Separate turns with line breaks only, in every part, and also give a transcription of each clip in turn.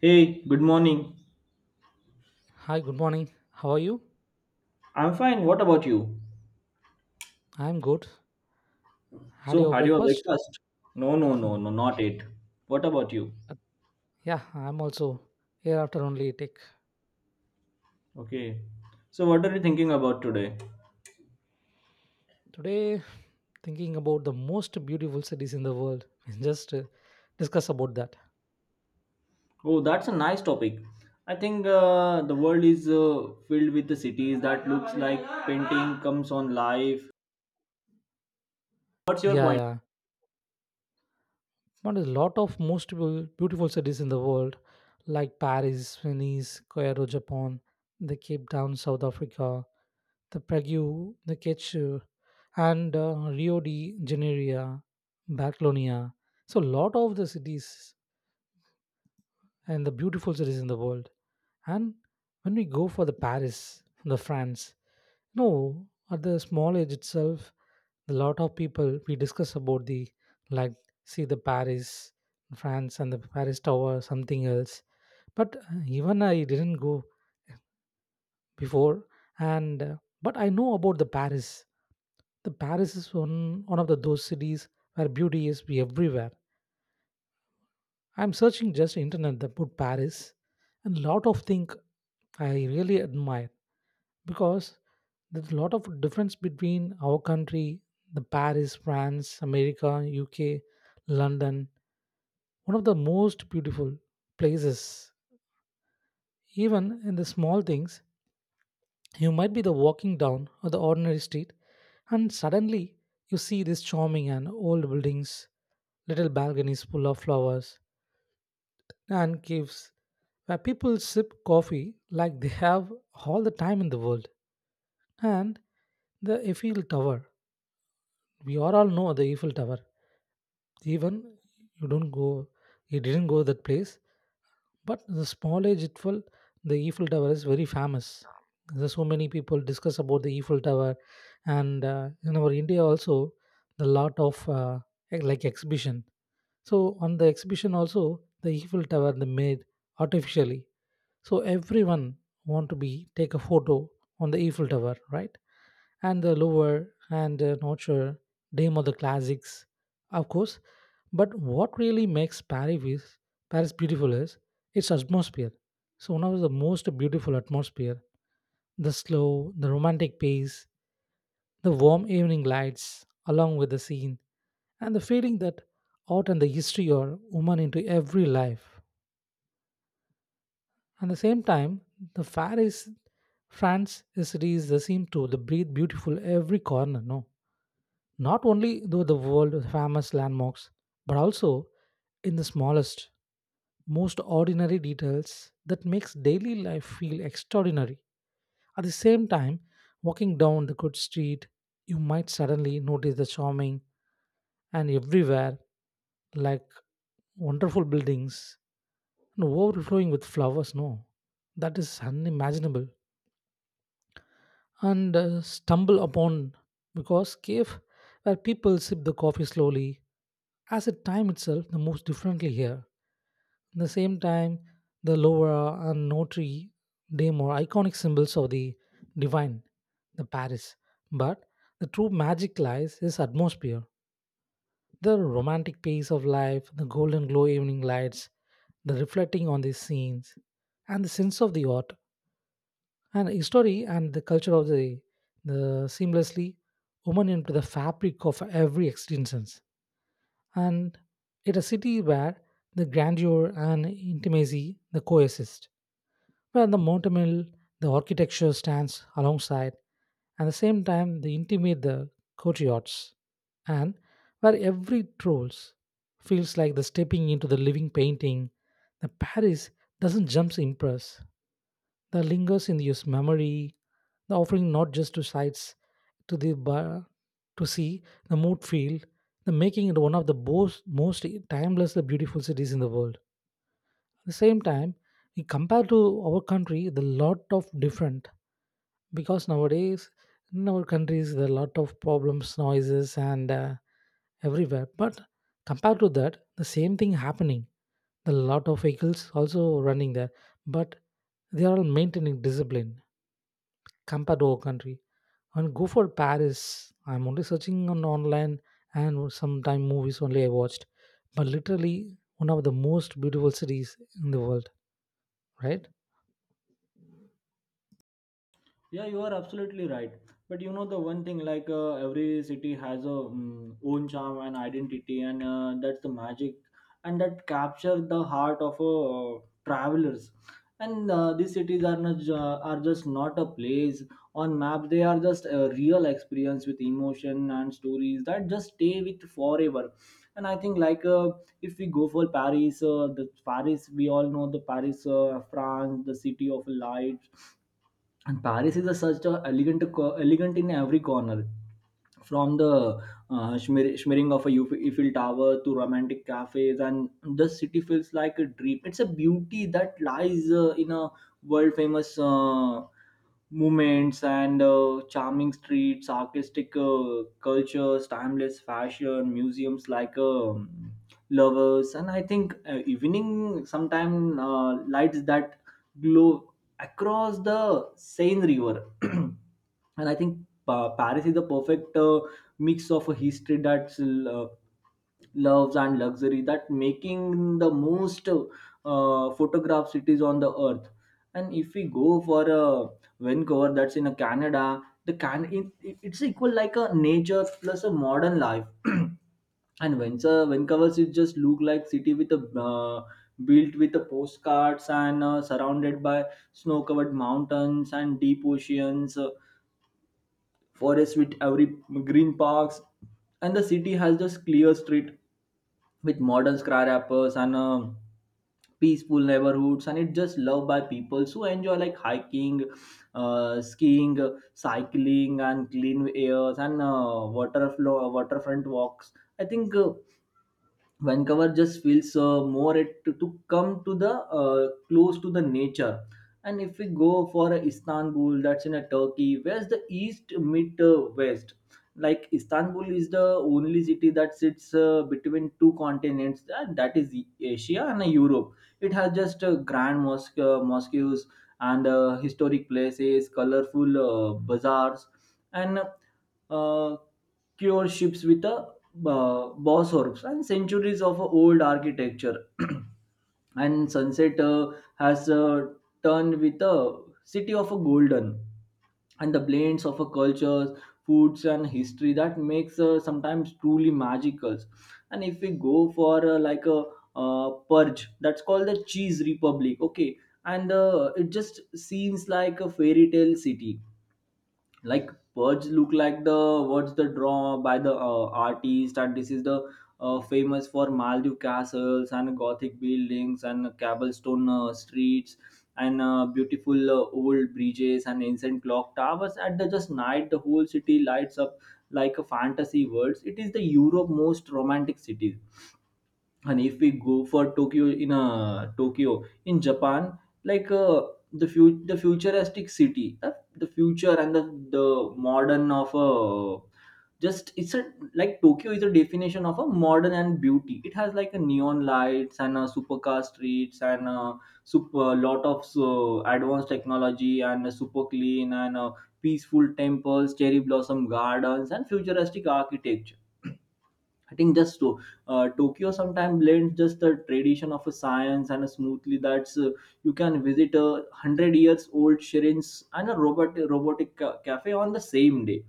Hey, good morning.
Hi, good morning. How are you?
I'm fine. What about you?
I'm good. Had
So,
your
had your
breakfast?
breakfast? No, no,
Hmm.
no, no, not it. What about you?
Uh, Yeah, I'm also here after only take.
Okay. So, what are you thinking about today?
Today, thinking about the most beautiful cities in the world. Just discuss about that.
Oh, that's a nice topic. I think the world is filled with the cities that looks like painting comes on life. What's your
Yeah,
point?
yeah. But a lot of most beautiful cities in the world, like Paris, Venice, Cairo, Japan, the Cape Town, South Africa, the Prague, the Ketchu, and Rio de Janeiro, Barcelona. So, lot of the cities and the beautiful cities in the world. And when we go for the Paris, the France, no, at the small age itself, a lot of people we discuss about the like see the Paris, France, and the Paris Tower, something else. But even I didn't go before, and but I know about the Paris. The Paris is one of the those cities where beauty is everywhere. I'm searching just internet that put Paris and lot of things I really admire because there's a lot of difference between our country, the Paris, France, America, UK, London, one of the most beautiful places. Even in the small things, you might be the walking down or the ordinary street and suddenly you see these charming and old buildings, little balconies full of flowers, and caves where people sip coffee like they have all the time in the world. And the Eiffel Tower. We all know the Eiffel Tower. Even you don't go, you didn't go that place. But the small age Eiffel, the Eiffel Tower is very famous. There's so many people discuss about the Eiffel Tower, and in our India also, the lot of like exhibition. So on the exhibition also, the Eiffel Tower they made artificially. So everyone want to be take a photo on the Eiffel Tower, right? And the Louvre and the Notre Dame of the classics of course, but what really makes Paris beautiful is its atmosphere. So one of the most beautiful atmosphere, the slow, the romantic pace, the warm evening lights along with the scene, and the feeling that art and the history are woven into every life. At the same time, the fair is France is cities that seem to the breathe beautiful every corner, no? Not only though the world famous landmarks but also in the smallest most ordinary details that makes daily life feel extraordinary at the same time walking down the good street you might suddenly notice the charming and everywhere like wonderful buildings and overflowing with flowers, no, that is unimaginable and stumble upon because cave where people sip the coffee slowly. As a time itself, the moves differently here. At the same time, the Louvre and Notre Dame are iconic symbols of the divine, the Paris. But the true magic lies is atmosphere, the romantic pace of life, the golden glow evening lights, the reflecting on these scenes, and the sense of the art and history and the culture of the seamlessly woven into the fabric of every existence, and it a city where the grandeur and intimacy they coexist, where the monumental the architecture stands alongside, at the same time the intimate the courtyards, and where every trolls feels like the stepping into the living painting. The Paris doesn't jump impress; that lingers in your memory, the offering not just to sights to the bar to see the mood field, the making it one of the most timeless beautiful cities in the world. At the same time, we compare to our country, the lot of different because nowadays in our countries there are a lot of problems, noises, and everywhere. But compared to that, the same thing happening. The lot of vehicles also running there, but they are all maintaining discipline Campador country and go for Paris. I'm only searching on online and sometime movies only I watched, but literally one of the most beautiful cities in the world, right?
Yeah, you are absolutely right. But you know the one thing, like every city has a own charm and identity, and that's the magic, and that capture the heart of travelers. And these cities are not ju- are just not a place on map. They are just a real experience with emotion and stories that just stay with forever. And I think like if we go for Paris, the Paris we all know the Paris, France, the city of light and Paris is a, such a elegant in every corner from the shimmering of a Eiffel Tower to romantic cafes, and the city feels like a dream. It's a beauty that lies in a world famous movements and charming streets, artistic cultures, timeless fashion, museums like lovers, and I think evening sometime lights that glow across the Seine River. And I think Paris is the perfect mix of a history that's loves and luxury that making the most photograph cities on the earth. And if we go for a Vancouver, that's in a Canada, the it's equal like a nature plus a modern life. And when covers, it just look like city with a built with the postcards and surrounded by snow covered mountains and deep oceans, forests with every green parks, and the city has just clear street with modern skyscrapers and peaceful neighborhoods, and it's just loved by people who enjoy like hiking, skiing, cycling and clean airs and water flow waterfront walks. I think Vancouver just feels more to come to the close to the nature. And if we go for Istanbul, that's in a Turkey, where's the east meet west? Like Istanbul is the only city that sits between two continents, that is Asia and Europe. It has just mosques and historic places, colorful bazaars, and uh, Cure ships with a boss orbs and centuries of old architecture. And sunset has turned with a city of a golden and the blends of a cultures, foods and history that makes sometimes truly magical. And if we go for like a purge, that's called the cheese republic. Okay. And it just seems like a fairy tale city, like birds look like the what's the draw by the artist, and this is the famous for maldive castles and gothic buildings and cobblestone streets and beautiful old bridges and ancient clock towers. At the just night the whole city lights up like a fantasy world. It is the Europe most romantic city. And if we go for Tokyo in Japan, like the futuristic city, the future the modern of a just it's a like Tokyo is a definition of a modern and beauty. It has like a neon lights and a supercar streets and a super lot of so advanced technology and a super clean and a peaceful temples, cherry blossom gardens and futuristic architecture. I think Tokyo sometimes blends just the tradition of a science and a smoothly. That's you can visit 100 years old shrines and a robotic cafe on the same day.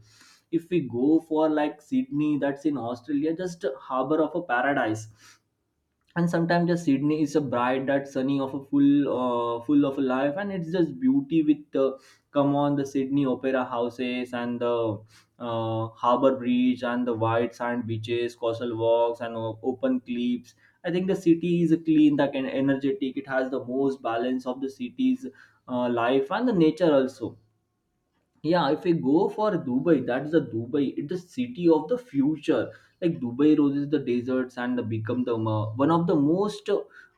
If we go for like Sydney, that's in Australia, just a harbor of a paradise. And sometimes just Sydney is a bright that sunny of a full of life, and it's just beauty come on the Sydney opera houses and the harbor bridge and the white sand beaches, coastal walks and open cliffs. I think the city is clean that can energetic. It has the most balance of the city's life and the nature also. Yeah, if we go for Dubai, that's the Dubai, it's the city of the future. Like Dubai roses the deserts and become one of the most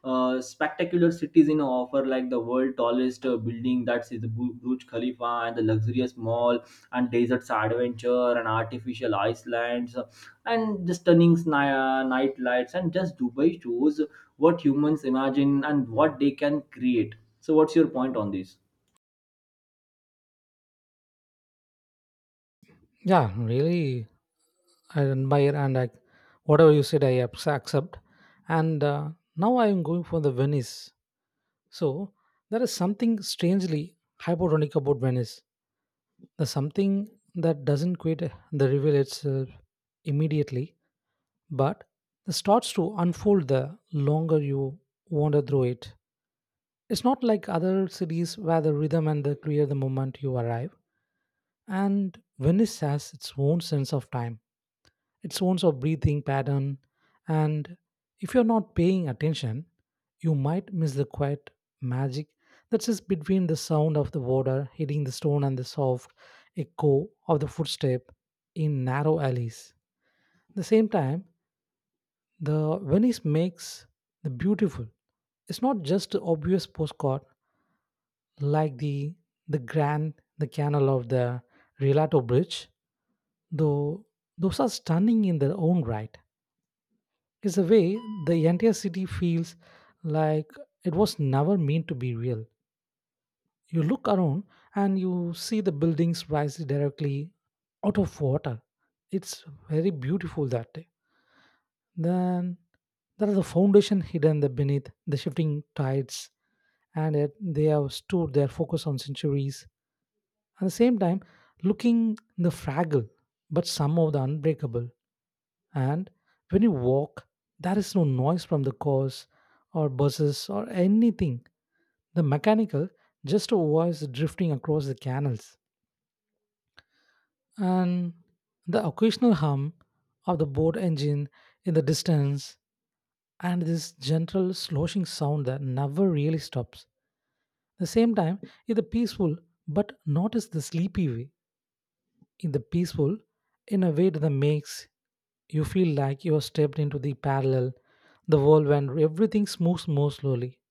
spectacular cities in offer, like the world tallest building, that's is the burj khalifa and the luxurious mall and deserts adventure and artificial islands and the stunning night lights. And just Dubai shows what humans imagine and what they can create. So what's your point on this?
Yeah, really, I admire and I, whatever you said, I accept. And now I am going for the Venice. So there is something strangely hypotonic about Venice. There's something that doesn't quit the reveal itself immediately, but it starts to unfold the longer you wander through it. It's not like other cities where the rhythm and the clear the moment you arrive. And Venice has its own sense of time, its own sort of breathing pattern, and if you're not paying attention, you might miss the quiet magic that sits between the sound of the water hitting the stone and the soft echo of the footstep in narrow alleys. At the same time, the Venice makes the beautiful. It's not just a obvious postcard like the Grand the Canal of the Rialto Bridge, though those are stunning in their own right. It's a way the entire city feels like it was never meant to be real. You look around and you see the buildings rise directly out of water. It's very beautiful that day. Then there is a foundation hidden there beneath the shifting tides, and yet they have stood their focus on centuries. At the same time, looking the fragile, but somehow the unbreakable. And when you walk, there is no noise from the cars or buses or anything. The mechanical, just a voice drifting across the canals. And the occasional hum of the boat engine in the distance and this gentle sloshing sound that never really stops. At the same time, it's a peaceful, but not as the sleepy way. In the peaceful, in a way that makes you feel like you are stepped into the parallel, the world when everything moves more slowly,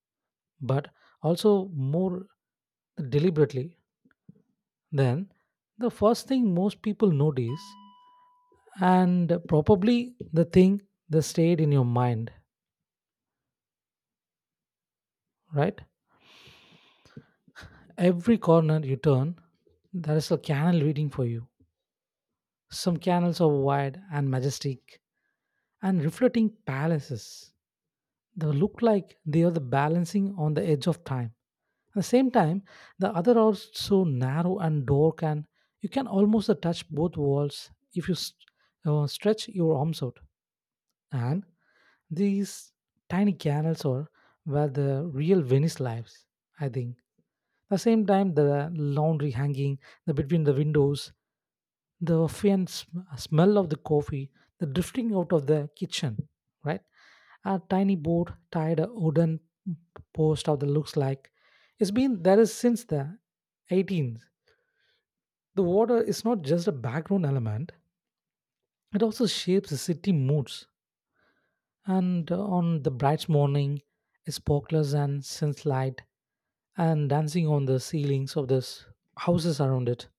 but also more deliberately. Then, the first thing most people notice, and probably the thing that stayed in your mind, right? Every corner you turn, there is a canal waiting for you. Some canals are wide and majestic and reflecting palaces. They look like they are the balancing on the edge of time. At the same time, the other are so narrow and dark, and you can almost touch both walls if you stretch your arms out. And these tiny canals are where the real Venice lives, I think. At the same time, the laundry hanging the, between the windows the faint smell of the coffee, the drifting out of the kitchen, right? A tiny boat tied a wooden post of the looks like it's been there is since the 18th. The water is not just a background element; it also shapes the city moods. And on the bright morning, sparklers and sunlight and dancing on the ceilings of the houses around it.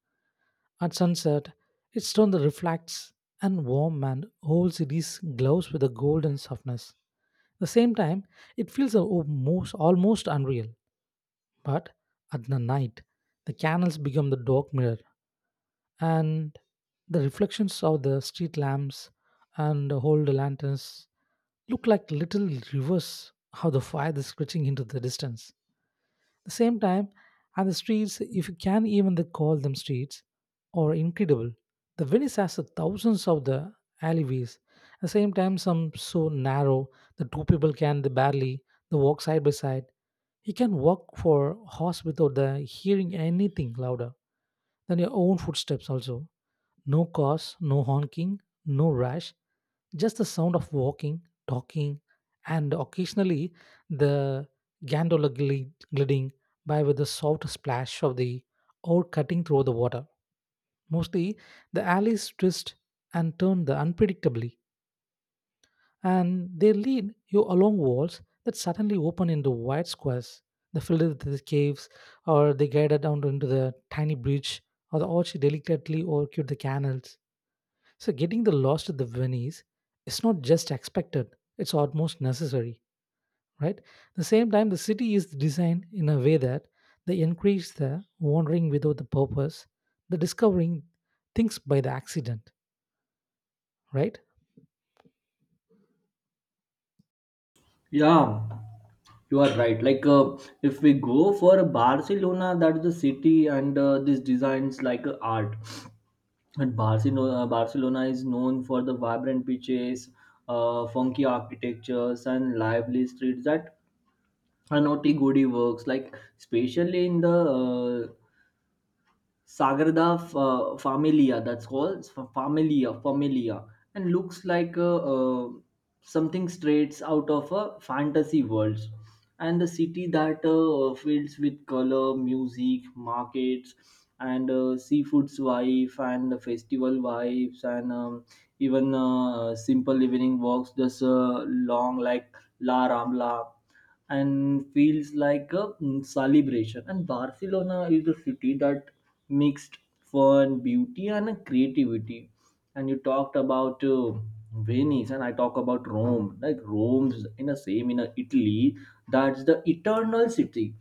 At sunset, its stone that reflects and warm and holds these gloves with a golden softness. At the same time, it feels almost unreal. But at the night, the candles become the dark mirror, and the reflections of the street lamps and the old lanterns look like little rivers how the fire is stretching into the distance the same time, and the streets, if you can even the call them streets, are incredible. The Venice has the thousands of the alleyways. At the same time, some so narrow the two people can the barely the walk side by side. You can walk for hours without the hearing anything louder than your own footsteps. Also, no cars, no honking, no rush. Just the sound of walking, talking, and occasionally the gliding by with the soft splash of the oar cutting through the water. Mostly, the alleys twist and turn the unpredictably, and they lead you along walls that suddenly open into wide squares. They filled with the caves, or they guided down into the tiny bridge, or the orchard delicately orchid the canals, so getting the lost at the Venice is not just expected, it's almost necessary, right? At the same time, the city is designed in a way that they encourage the wandering without the purpose, the discovering things by the accident, right?
Yeah, you are right. Like, if we go for Barcelona, that's the city, and this designs like art. And Barcelona is known for the vibrant beaches, funky architectures, and lively streets that are naughty goody works. Like, especially in the Sagrada Familia, that's called Familia, and looks like something straight out of a fantasy world. And the city that fills with color, music, markets, and seafood's wife and the festival vibes and even simple evening walks just long like La Rambla and feels like a celebration. And Barcelona is a city that mixed fun, beauty, and creativity. And you talked about Venice, and I talk about Rome. Like Rome's in the same in Italy, that's the eternal city.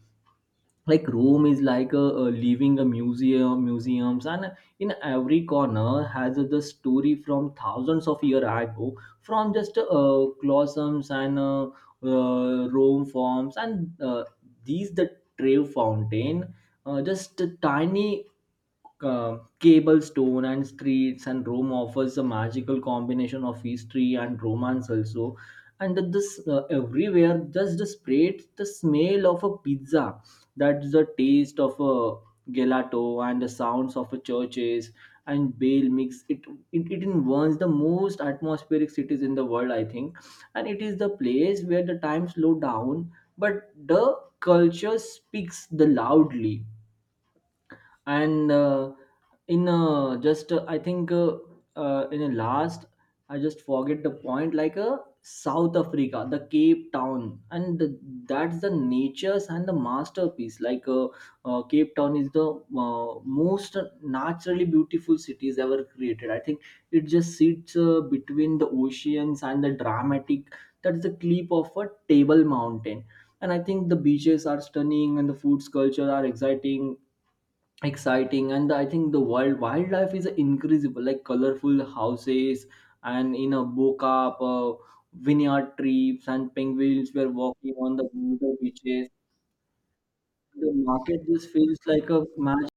Like Rome is like a living a museums, and in every corner has the story from thousands of year ago, from just colosseums and rome forms and these the trave fountain, just a tiny cable stone and streets, and Rome offers a magical combination of history and romance also. And this everywhere just spreads the smell of a pizza, that's the taste of a gelato and the sounds of a churches and Bale mix. It in one's the most atmospheric cities in the world, I think, and it is the place where the time slow down, but the culture speaks the loudly. And in just I think in a last I just forget the point. Like South Africa, the Cape Town that's the natures and the masterpiece. Like Cape Town is the most naturally beautiful cities ever created, I think. It just sits between the oceans and the dramatic, that's the clip of a table mountain. And I think the beaches are stunning and the foods culture are exciting. And I think the wildlife is increasable, like colorful houses and in a boca, vineyard trips and penguins were walking on the winter beaches. The market just feels like a magic.